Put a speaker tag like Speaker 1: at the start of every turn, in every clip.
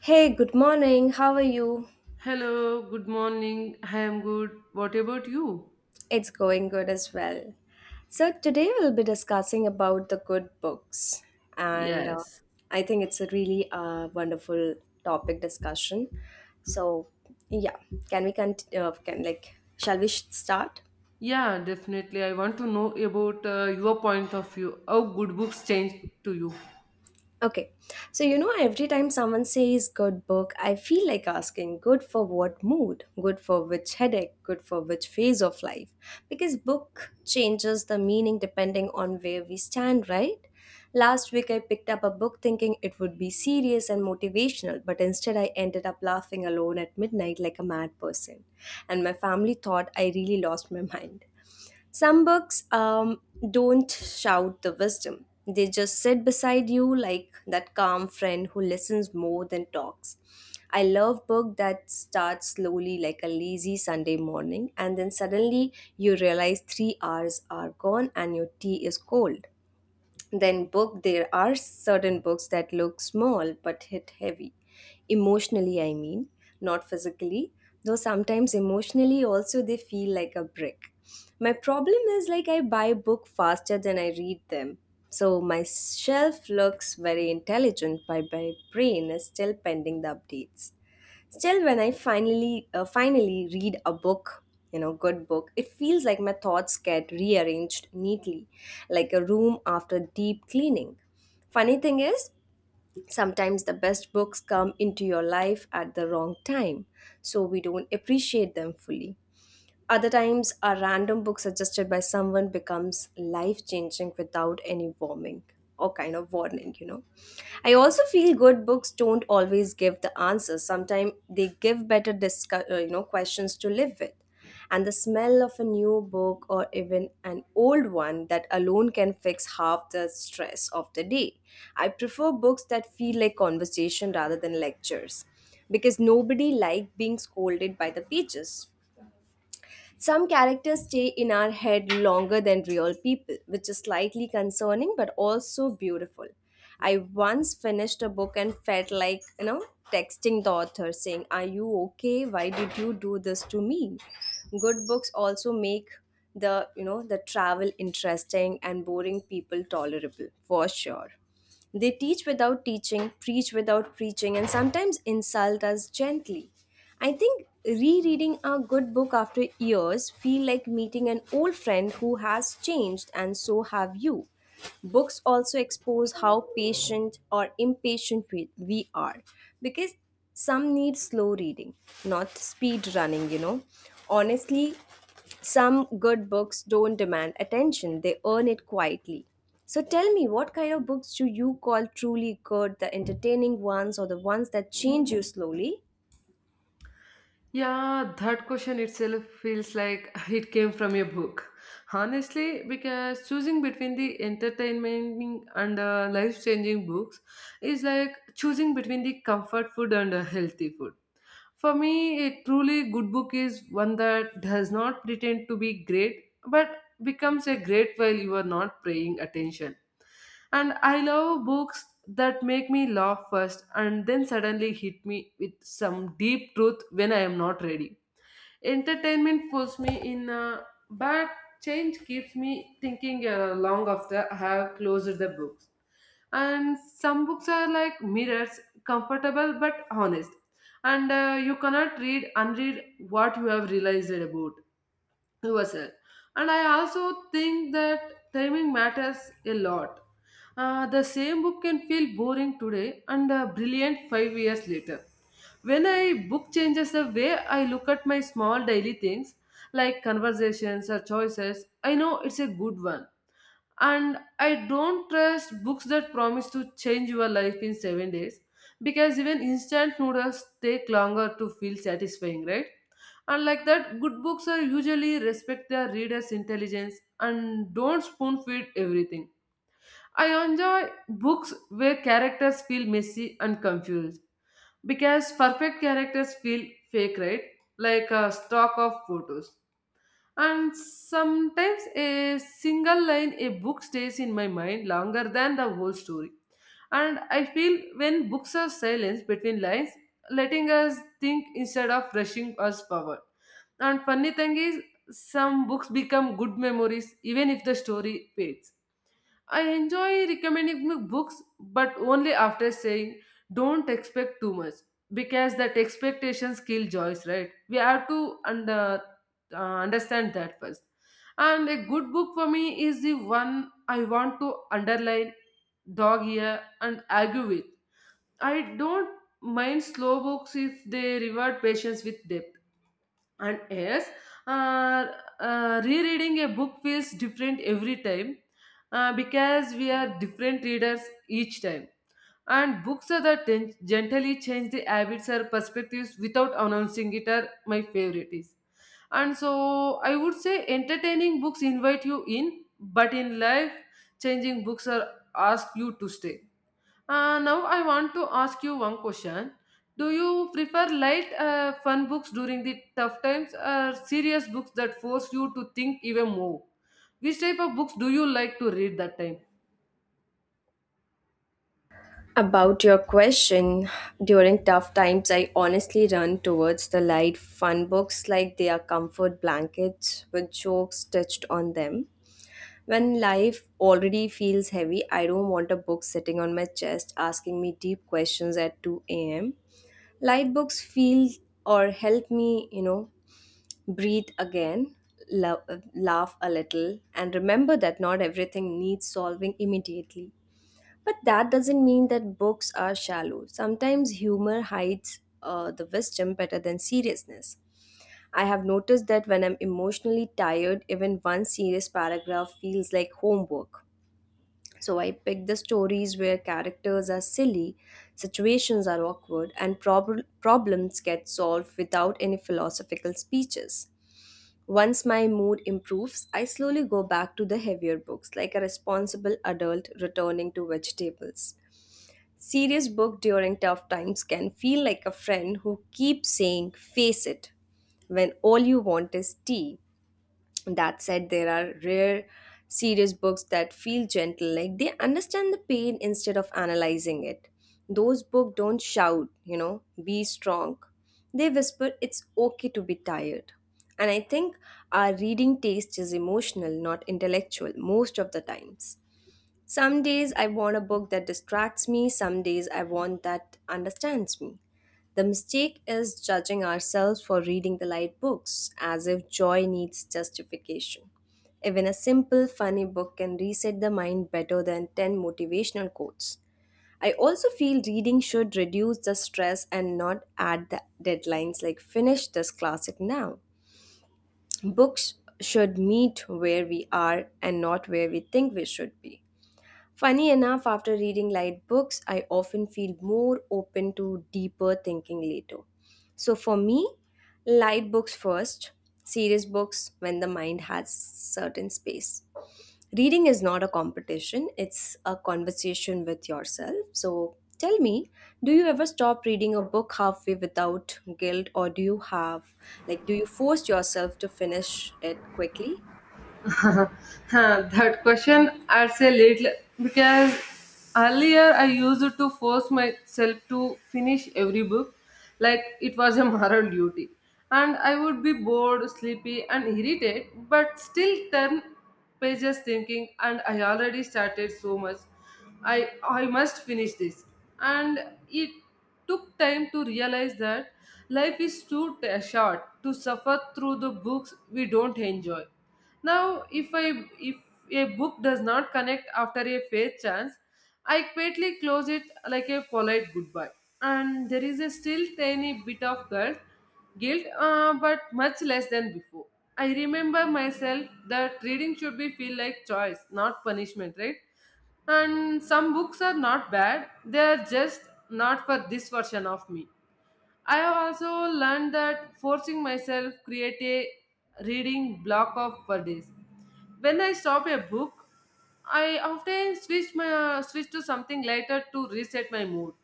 Speaker 1: Hey, good morning. How are you?
Speaker 2: Hello, good morning. I am good. What about you?
Speaker 1: It's going good as well. So today we'll be discussing about the good books, and
Speaker 2: Yes.
Speaker 1: I think it's a really wonderful topic discussion. So yeah, can can start?
Speaker 2: Yeah, definitely. I want to know about your point of view. How good books change to you?
Speaker 1: Okay. So, you know, every time someone says good book, I feel like asking good for what mood, good for which headache, good for which phase of life. Because book changes the meaning depending on where we stand, right? Last week, I picked up a book thinking it would be serious and motivational, but instead, I ended up laughing alone at midnight like a mad person. And my family thought I really lost my mind. Some books don't shout the wisdom, they just sit beside you like that calm friend who listens more than talks. I love book that starts slowly like a lazy Sunday morning and then suddenly you realize 3 hours are gone and your tea is cold. Then book there are certain books that look small but hit heavy. Emotionally I mean, not physically, though sometimes emotionally also they feel like a brick. My problem is like I buy book faster than I read them. So my shelf looks very intelligent but my brain is still pending the updates. Still, when I finally read a book, you know, good book, it feels like my thoughts get rearranged neatly, like a room after deep cleaning. Funny thing is, sometimes the best books come into your life at the wrong time, so we don't appreciate them fully. Other times, a random book suggested by someone becomes life changing without any warming or kind of warning, you know. I also feel good books don't always give the answers. Sometimes they give you know questions to live with. And the smell of a new book or even an old one that alone can fix half the stress of the day. I prefer books that feel like conversation rather than lectures because nobody likes being scolded by the pages. Some characters stay in our head longer than real people, which is slightly concerning but also beautiful. I once finished a book and felt like, you know, texting the author saying, "Are you okay? Why did you do this to me?" Good books also make the, you know, the travel interesting and boring people tolerable for sure. They teach without teaching, preach without preaching, and sometimes insult us gently. I think rereading a good book after years feel like meeting an old friend who has changed and so have you. Books also expose how patient or impatient we are because some need slow reading, not speed running, you know. Honestly, some good books don't demand attention, they earn it quietly. So tell me, what kind of books do you call truly good, the entertaining ones or the ones that change you slowly?
Speaker 2: Yeah, that question itself feels like it came from a book. Honestly, because choosing between the entertaining and life changing books is like choosing between the comfort food and healthy food. For me, a truly good book is one that does not pretend to be great but becomes a great while you are not paying attention. And I love books that make me laugh first and then suddenly hit me with some deep truth when I am not ready. Entertainment pulls me in but change keeps me thinking long after I have closed the books. And some books are like mirrors, comfortable but honest, and you cannot read unread what you have realized about yourself. And I also think that timing matters a lot. The same book can feel boring today and brilliant 5 years later. When I book changes the way I look at my small daily things like conversations or choices, I know it's a good one. And I don't trust books that promise to change your life in 7 days, because even instant noodles take longer to feel satisfying, right? And like that, good books are usually respect their readers intelligence and don't spoon feed everything. I enjoy books where characters feel messy and confused, because perfect characters feel fake, right? Like a stock of photos. And sometimes a single line a book stays in my mind longer than the whole story. And I feel when books are silenced between lines, letting us think instead of rushing us forward. And funny thing is, some books become good memories even if the story fades. I enjoy recommending me books, but only after saying don't expect too much, because that expectations kill joys, right? We have to understand that first. And a good book for me is the one I want to underline, dog ear, and argue with. I don't mind slow books if they reward patience with depth. And yes, uh, rereading a book feels different every time because we are different readers each time. And books are that gently change the habits or perspectives without announcing it are my favorite is. And so I would say entertaining books invite you in, but in life changing books are ask you to stay. Now I want to ask you one question. Do you prefer light, fun books during the tough times, or serious books that force you to think even more? Which type of books do you like to read that time?
Speaker 1: About your question, during tough times, I honestly run towards the light, fun books like they are comfort blankets with jokes stitched on them. When life already feels heavy, I don't want a book sitting on my chest asking me deep questions at 2 a.m. Light books feel or help me, you know, breathe again, lo- laugh a little, and remember that not everything needs solving immediately. But that doesn't mean that books are shallow. Sometimes humor hides the wisdom better than seriousness. I have noticed that when I'm emotionally tired, even one serious paragraph feels like homework. So I picked the stories where characters are silly, situations are awkward, and problems get solved without any philosophical speeches. Once my mood improves, I slowly go back to the heavier books, like a responsible adult returning to vegetables. Serious book during tough times can feel like a friend who keeps saying, "face it," when all you want is tea. That said, there are rare, serious books that feel gentle, like they understand the pain instead of analyzing it. Those books don't shout, you know, be strong. They whisper, "it's okay to be tired." And I think our reading taste is emotional, not intellectual, most of the times. Some days I want a book that distracts me, some days I want that understands me. The mistake is judging ourselves for reading the light books, as if joy needs justification. Even a simple, funny book can reset the mind better than 10 motivational quotes. I also feel reading should reduce the stress and not add the deadlines like finish this classic now. Books should meet where we are and not where we think we should be. Funny enough, after reading light books, I often feel more open to deeper thinking later. So for me, light books first, serious books when the mind has certain space. Reading is not a competition, it's a conversation with yourself. So tell me, do you ever stop reading a book halfway without guilt or do you force yourself to finish it quickly?
Speaker 2: That question adds a little because earlier I used to force myself to finish every book like it was a moral duty. And I would be bored, sleepy, and irritated, but still turn pages thinking, and I already started so much. I must finish this. And it took time to realize that life is too short to suffer through the books we don't enjoy. Now, if a book does not connect after a fair chance, I quietly close it like a polite goodbye. And there is a still tiny bit of guilt, but much less than before. I remember myself that reading should be feel like choice, not punishment, right? And some books are not bad, they are just not for this version of me. I have also learned that forcing myself create a reading block of for days. When I stop a book, I often switch my switch to something lighter to reset my mood.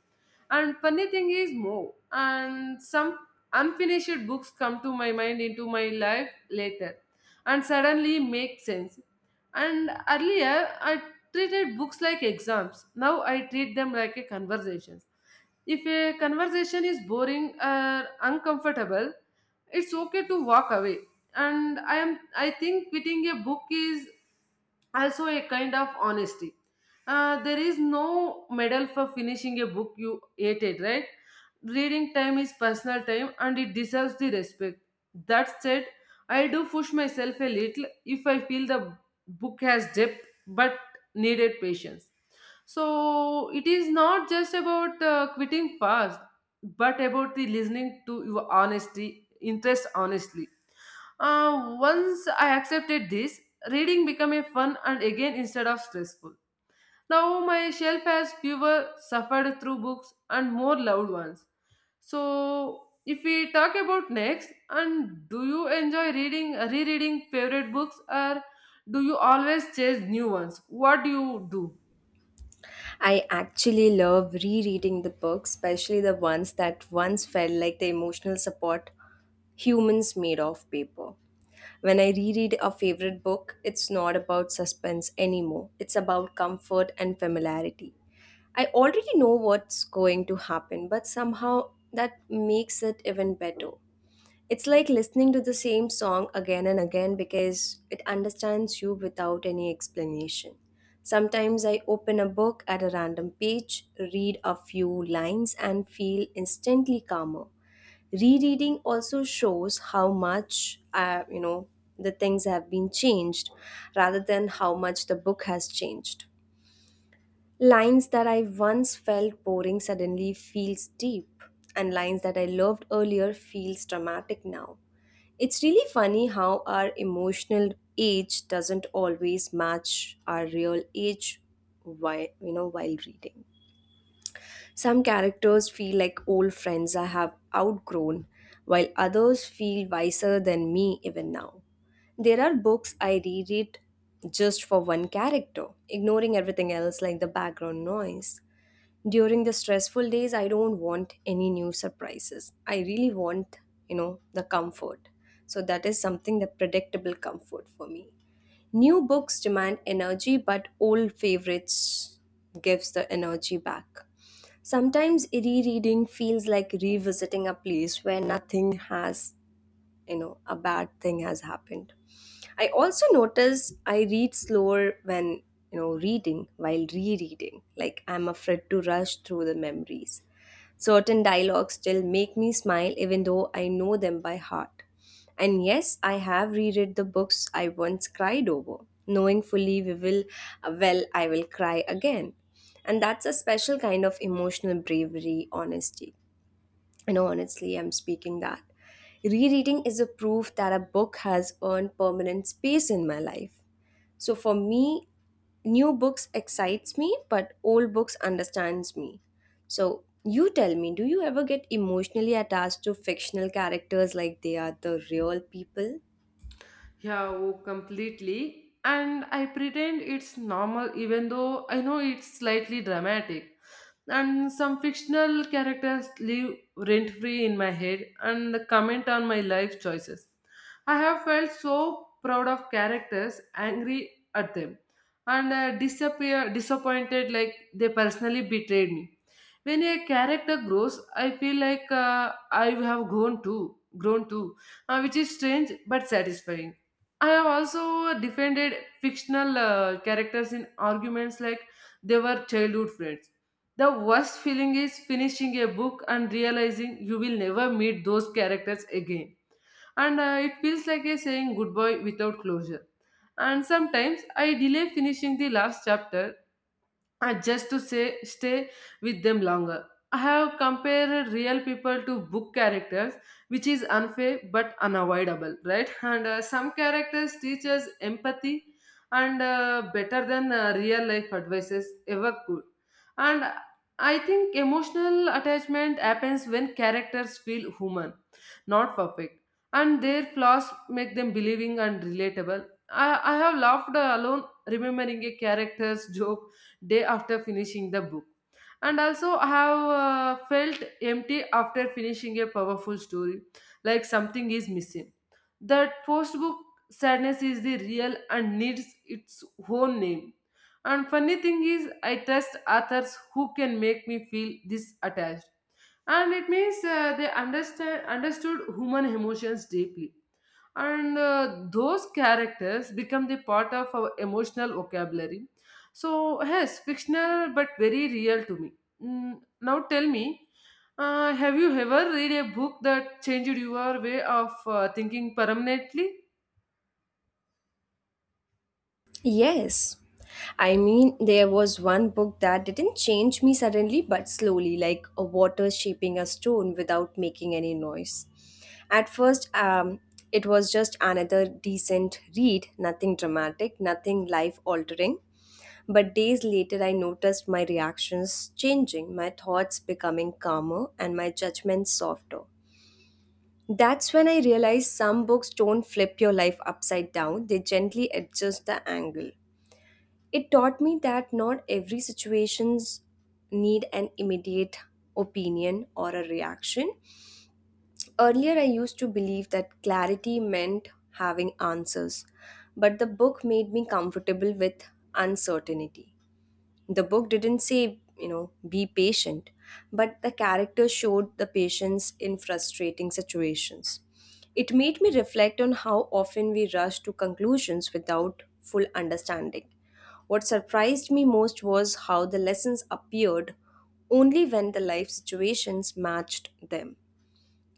Speaker 2: And funny thing is more, and some unfinished books come to my mind into my life later, and suddenly make sense. And earlier I treated books like exams. Now I treat them like a conversations. If a conversation is boring or uncomfortable, it's okay to walk away. And I think quitting a book is also a kind of honesty. There is no medal for finishing a book you hated, right? Reading time is personal time and it deserves the respect. That said, I do push myself a little if I feel the book has depth but needed patience. So it is not just about quitting fast, but about the listening to your honesty, interest honestly. Once I accepted this, reading became a fun and again instead of stressful. Now my shelf has fewer suffered through books and more loved ones. So if we talk about next, and do you enjoy reading, rereading favorite books, or do you always chase new ones? What do you do?
Speaker 1: I actually love rereading the books, especially the ones that once felt like the emotional support humans made of paper. When I reread a favorite book, it's not about suspense anymore, it's about comfort and familiarity. I already know what's going to happen, but somehow that makes it even better. It's like listening to the same song again and again because it understands you without any explanation. Sometimes I open a book at a random page, read a few lines, and feel instantly calmer. Rereading also shows how you know, the things have been changed rather than how much the book has changed. Lines that I once felt boring suddenly feels deep, and lines that I loved earlier feels dramatic now. It's really funny how our emotional age doesn't always match our real age while you know while reading. Some characters feel like old friends I have outgrown, while others feel wiser than me even now. There are books I reread just for one character, ignoring everything else like the background noise during the stressful days. I don't want any new surprises, I really want, you know, the comfort. So that is something, the predictable comfort for me. New books demand energy but old favorites gives the energy back. Sometimes rereading feels like revisiting a place where nothing has, you know, a bad thing has happened. I also notice I read slower when, you know, reading while rereading, like I'm afraid to rush through the memories. Certain dialogues still make me smile even though I know them by heart. And yes, I have reread the books I once cried over, knowing fully we will well I will cry again. And that's a special kind of emotional bravery honesty. And honestly, I'm speaking that. Rereading is a proof that a book has earned permanent space in my life. So for me, new books excites me, but old books understands me. So you tell me, do you ever get emotionally attached to fictional characters like they are the real people?
Speaker 2: Yeah, oh, completely. And I pretend it's normal, even though I know it's slightly dramatic. And some fictional characters live rent free in my head and comment on my life choices. I have felt so proud of characters, angry at them, and disappear disappointed like they personally betrayed me. When a character grows, I feel like I have grown too, which is strange but satisfying. I have also defended fictional characters in arguments like they were childhood friends. The worst feeling is finishing a book and realizing you will never meet those characters again. And it feels like a saying goodbye without closure. And sometimes I delay finishing the last chapter, just to say stay with them longer. I have compared real people to book characters, which is unfair but unavoidable, right? And some characters teach us empathy, and better than real life advices ever could. And I think emotional attachment happens when characters feel human, not perfect, and their flaws make them believing and relatable. I have laughed alone remembering a character's joke day after finishing the book. And also, I have felt empty after finishing a powerful story, like something is missing. That post book sadness is the real and needs its own name. And funny thing is, I trust authors who can make me feel this attached. And it means they understand understood human emotions deeply. And those characters become the part of our emotional vocabulary. So, yes, fictional but very real to me. Mm, now, tell me, have you ever read a book that changed your way of thinking permanently?
Speaker 1: Yes. I mean, there was one book that didn't change me suddenly but slowly, like a water shaping a stone without making any noise. At first, it was just another decent read, nothing dramatic, nothing life altering. But days later, I noticed my reactions changing, my thoughts becoming calmer, and my judgments softer. That's when I realized some books don't flip your life upside down, they gently adjust the angle. It taught me that not every situations need an immediate opinion or a reaction. Earlier I used to believe that clarity meant having answers, but the book made me comfortable with uncertainty. The book didn't say, you know, be patient, but the character showed the patience in frustrating situations. It made me reflect on how often we rush to conclusions without full understanding. What surprised me most was how the lessons appeared only when the life situations matched them.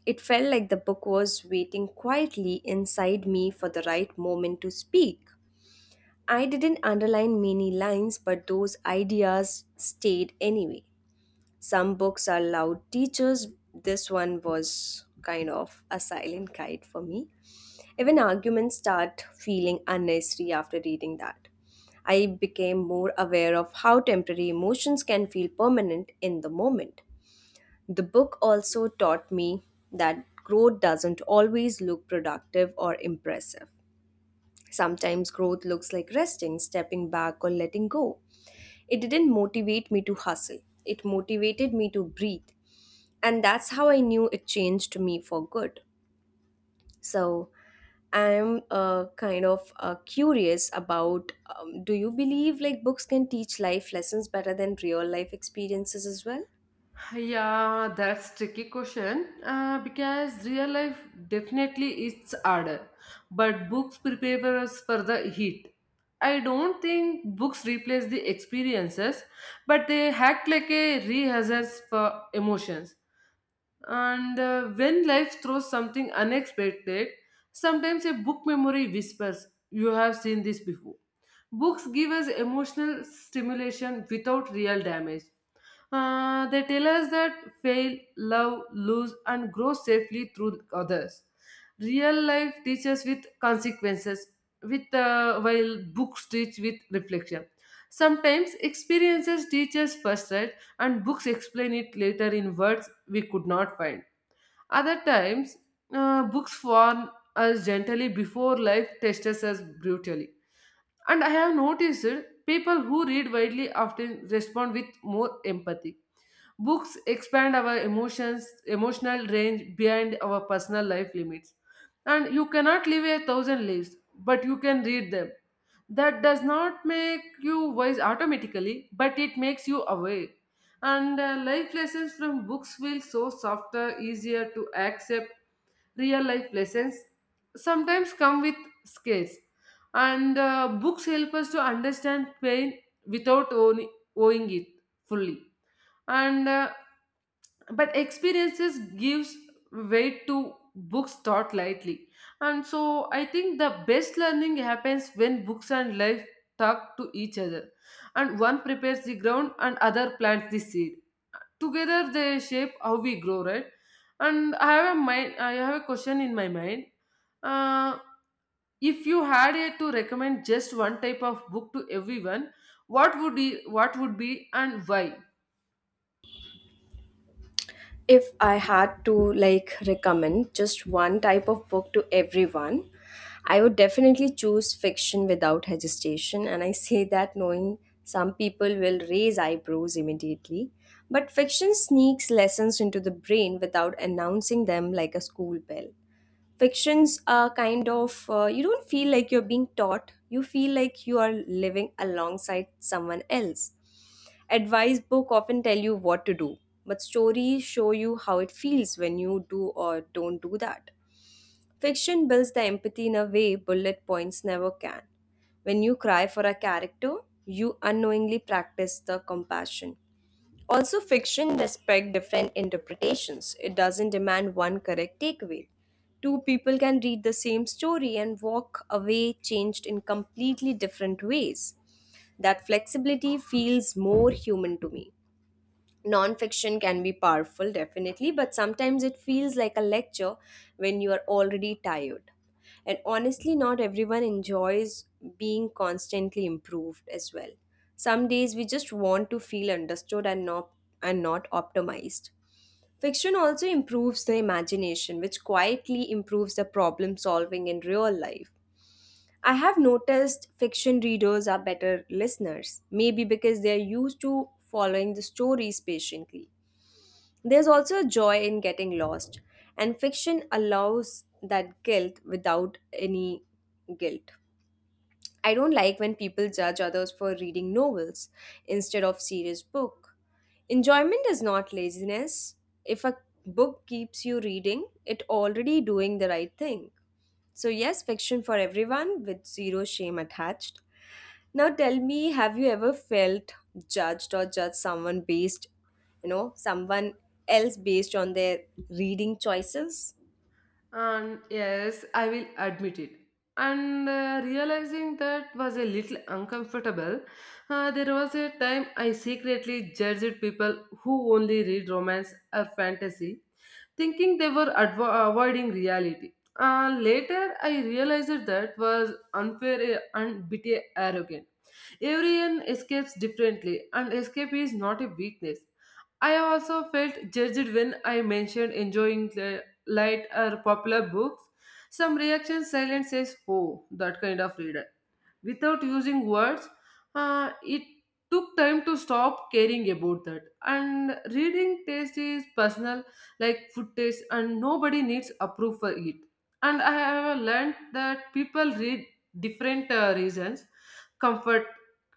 Speaker 1: It felt like the book was waiting quietly inside me for the right moment to speak. I didn't underline many lines, but those ideas stayed anyway. Some books are loud teachers. This one was kind of a silent guide for me. Even arguments start feeling unnecessary after reading that. I became more aware of how temporary emotions can feel permanent in the moment. The book also taught me that growth doesn't always look productive or impressive. Sometimes growth looks like resting, stepping back, or letting go. It didn't motivate me to hustle, it motivated me to breathe. And that's how I knew it changed me for good. So I'm kind of curious about do you believe like books can teach life lessons better than real life experiences as well?
Speaker 2: Yeah, that's tricky question because real life definitely is harder, but books prepare us for the heat. I don't think books replace the experiences, but they act like a rehearsals for emotions. And when life throws something unexpected, sometimes a book memory whispers, "You have seen this before." Books give us emotional stimulation without real damage. They tell us that fail, love, lose, and grow safely through others. Real life teaches with consequences, with while books teach with reflection. Sometimes experiences teach us first, right, and books explain it later in words we could not find. Other times, books warn us gently before life tests us brutally. And I have noticed people who read widely often respond with more empathy. Books expand our emotions, emotional range beyond our personal life limits. And you cannot live a thousand lives, but you can read them. That does not make you wise automatically, but it makes you aware. And life lessons from books feel so softer, easier to accept, real life lessons sometimes come with scales, and books help us to understand pain without owning it fully. And but experiences gives weight to books taught lightly. And so I think the best learning happens when books and life talk to each other, and one prepares the ground and other plants the seed. Together they shape how we grow, right? And I have a question in my mind. Uh, if you had to recommend just one type of book to everyone, what would be and why?
Speaker 1: If I had to like recommend just one type of book to everyone, I would definitely choose fiction without hesitation. And I say that knowing some people will raise eyebrows immediately. But fiction sneaks lessons into the brain without announcing them like a school bell. Fictions are kind of, you don't feel like you're being taught, you feel like you are living alongside someone else. Advice book often tell you what to do, but stories show you how it feels when you do or don't do that. Fiction builds the empathy in a way bullet points never can. When you cry for a character, you unknowingly practice the compassion. Also, fiction respects different interpretations. It doesn't demand one correct takeaway. Two people can read the same story and walk away changed in completely different ways. That flexibility feels more human to me. Nonfiction can be powerful, definitely, but sometimes it feels like a lecture when you are already tired. And honestly, not everyone enjoys being constantly improved as well. Some days we just want to feel understood and not optimized. Fiction also improves the imagination, which quietly improves the problem solving in real life. I have noticed fiction readers are better listeners, maybe because they are used to following the stories patiently. There's also a joy in getting lost, and fiction allows that guilt without any guilt. I don't like when people judge others for reading novels instead of serious book. Enjoyment is not laziness. If a book keeps you reading, it already doing the right thing. So yes, fiction for everyone with zero shame attached. Now tell me, have you ever felt judged or judged someone someone else based on their reading choices?
Speaker 2: And yes, I will admit it. And realizing that was a little uncomfortable. There was a time I secretly judged people who only read romance or fantasy, thinking they were avoiding reality. Later, I realized that was unfair eh, and bit eh, arrogant. Everyone escapes differently, and escape is not a weakness. I also felt judged when I mentioned enjoying the light or popular books. Some reaction silence says, "Oh, that kind of reader," without using words. It took time to stop caring about that. And reading taste is personal, like food taste, and nobody needs approve for it. And I have learned that people read different reasons: comfort,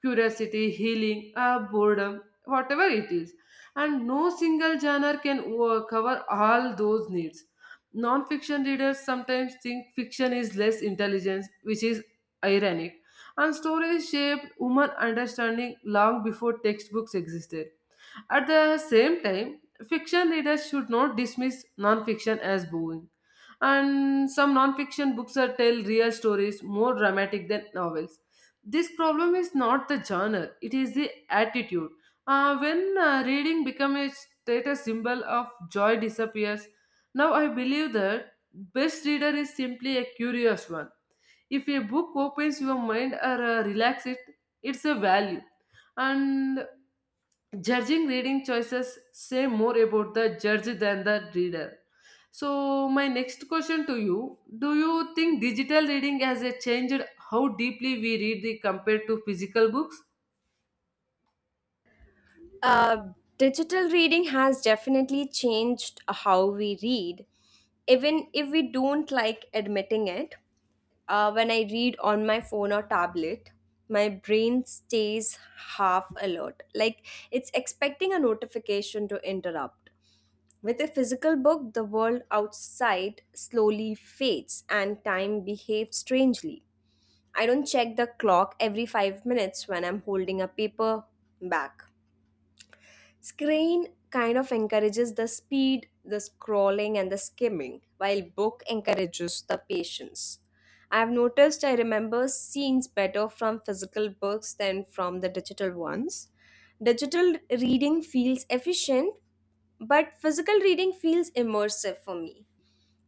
Speaker 2: curiosity, healing, boredom, whatever it is. And no single genre can cover all those needs. Non fiction readers sometimes think fiction is less intelligent, which is ironic, and stories shaped human understanding long before textbooks existed. At the same time, fiction readers should not dismiss non-fiction as boring. And some non-fiction books are tell real stories more dramatic than novels. This problem is not the genre; it is the attitude. When reading becomes a status symbol of joy disappears. Now I believe that best reader is simply a curious one. If a book opens your mind or relaxes it, it's a value. And judging reading choices say more about the judge than the reader. So, my next question to you: do you think digital reading has changed how deeply we read the compared to physical books?
Speaker 1: Uh, Digital reading has definitely changed how we read, even if we don't like admitting it. When I read on my phone or tablet, my brain stays half alert, like it's expecting a notification to interrupt. With a physical book, the world outside slowly fades and time behaves strangely. I don't check the clock every 5 minutes when I'm holding a paper back. Screen kind of encourages the speed, the scrolling, and the skimming, while book encourages the patience. I've noticed I remember scenes better from physical books than from the digital ones. Digital reading feels efficient, but physical reading feels immersive for me.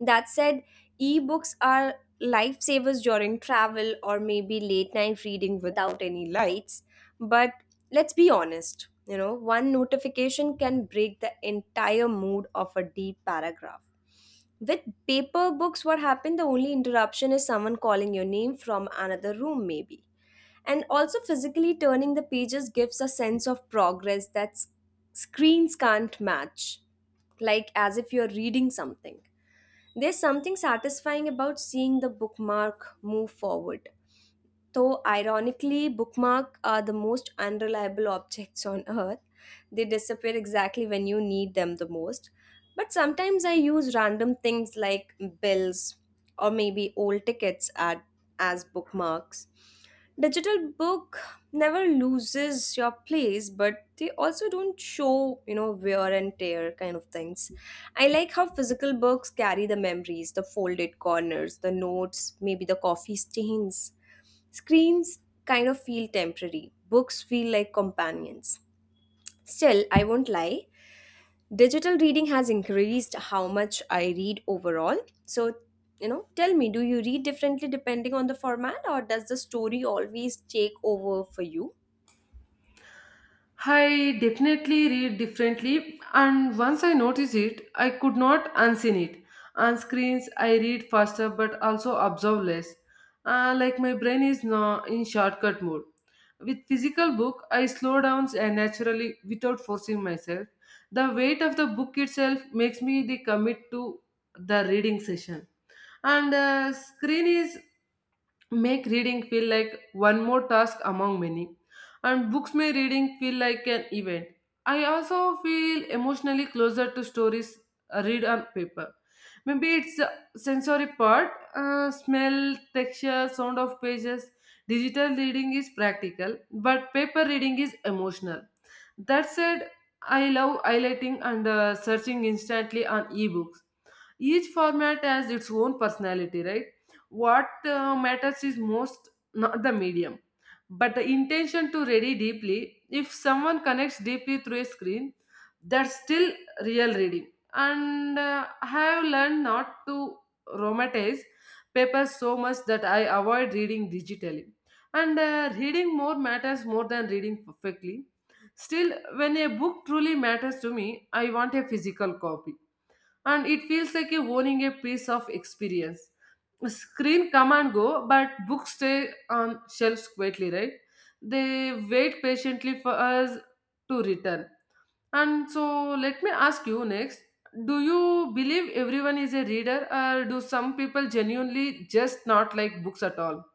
Speaker 1: That said, ebooks are lifesavers during travel or maybe late night reading without any lights. But let's be honest, one notification can break the entire mood of a deep paragraph. With paper books, what happened? The only interruption is someone calling your name from another room, maybe. And also, physically turning the pages gives a sense of progress that screens can't match, like as if you're reading something, there's something satisfying about seeing the bookmark move forward. Though ironically, bookmarks are the most unreliable objects on earth. They disappear exactly when you need them the most. But sometimes I use random things like bills or maybe old tickets at, as bookmarks. Digital book never loses your place, but they also don't show, wear and tear kind of things. I like how physical books carry the memories, the folded corners, the notes, maybe the coffee stains. Screens kind of feel temporary, books feel like companions. Still, I won't lie, digital reading has increased how much I read overall. So, tell me, do you read differently depending on the format, or does the story always take over for you?
Speaker 2: I definitely read differently, and once I notice it, I could not unseen it. On screens, I read faster but also observe less. Like my brain is now in shortcut mode. With physical book, I slow down naturally without forcing myself. The weight of the book itself makes me the commit to the reading session. And screen is make reading feel like one more task among many, and books make reading feel like an event. I also feel emotionally closer to stories read on paper. Maybe it's the sensory part: smell, texture, sound of pages. Digital reading is practical but paper reading is emotional. That said, I love highlighting and searching instantly on ebooks. Each format has its own personality, right? What matters is most not the medium, but the intention to read deeply. If someone connects deeply through a screen, that's still real reading. And I have learned not to romanticize papers so much that I avoid reading digitally. And reading more matters more than reading perfectly. Still, when a book truly matters to me, I want a physical copy, and it feels like you're owning a piece of experience. Screen come and go, but books stay on shelves quietly, right? They wait patiently for us to return. And so, let me ask you next: do you believe everyone is a reader, or do some people genuinely just not like books at all?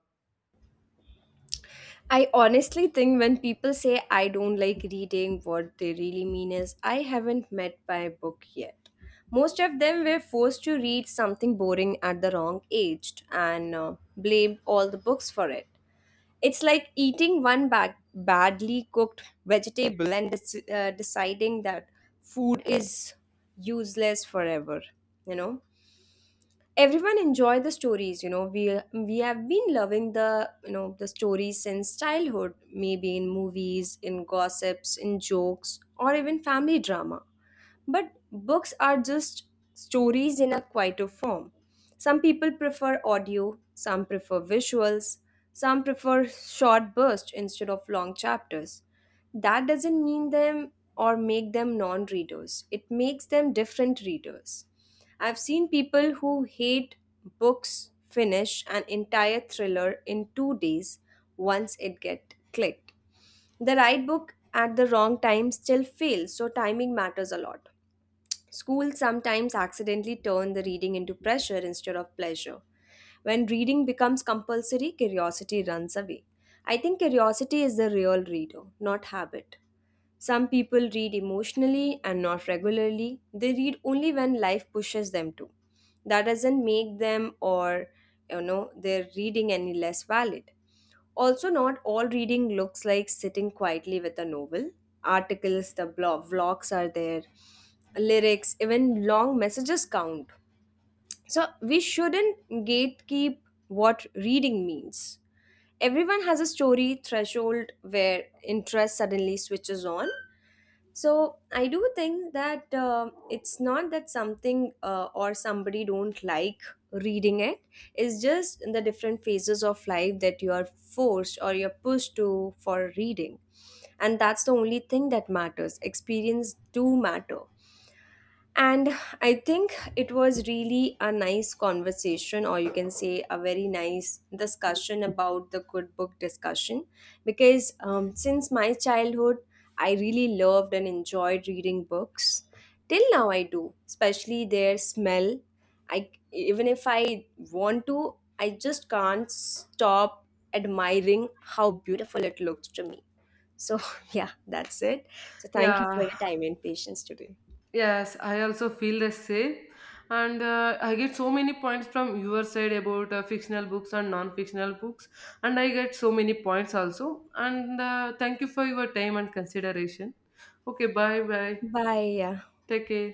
Speaker 1: I honestly think when people say I don't like reading, what they really mean is I haven't met my book yet. Most of them were forced to read something boring at the wrong age and blame all the books for it. It's like eating one badly cooked vegetable and deciding that food is useless forever, you know? Everyone enjoy the stories. We have been loving the, you know, the stories since childhood, maybe in movies, in gossips, in jokes, or even family drama. But books are just stories in a quieter form. Some people prefer audio, some prefer visuals, some prefer short bursts instead of long chapters. That doesn't mean them or make them non readers, it makes them different readers. I've seen people who hate books finish an entire thriller in 2 days once it get clicked. The right book at the wrong time still fails, so timing matters a lot. Schools sometimes accidentally turn the reading into pressure instead of pleasure. When reading becomes compulsory, curiosity runs away. I think curiosity is the real reader, not habit. Some people read emotionally and not regularly. They read only when life pushes them to. That doesn't make them or, their reading any less valid. Also, not all reading looks like sitting quietly with a novel. Articles, the blog, vlogs are there, lyrics, even long messages count. So, we shouldn't gatekeep what reading means. Everyone has a story threshold where interest suddenly switches on. So I do think that it's not that something or somebody don't like reading it. It's just the different phases of life that you are forced or you're pushed to for reading, and that's the only thing that matters. Experience do matter. And I think it was really a nice conversation, or you can say a very nice discussion about the good book discussion. Because since my childhood, I really loved and enjoyed reading books. Till now, I do, especially their smell. I, even if I want to, I just can't stop admiring how beautiful it looks to me. So yeah, that's it. So thank you for
Speaker 2: Yeah,
Speaker 1: your time and patience today.
Speaker 2: yes, I also feel the same. And I get so many points from your side about fictional books and non fictional books. And I get so many points also. And thank you for your time and consideration. Okay, bye bye.
Speaker 1: Bye.
Speaker 2: Take care.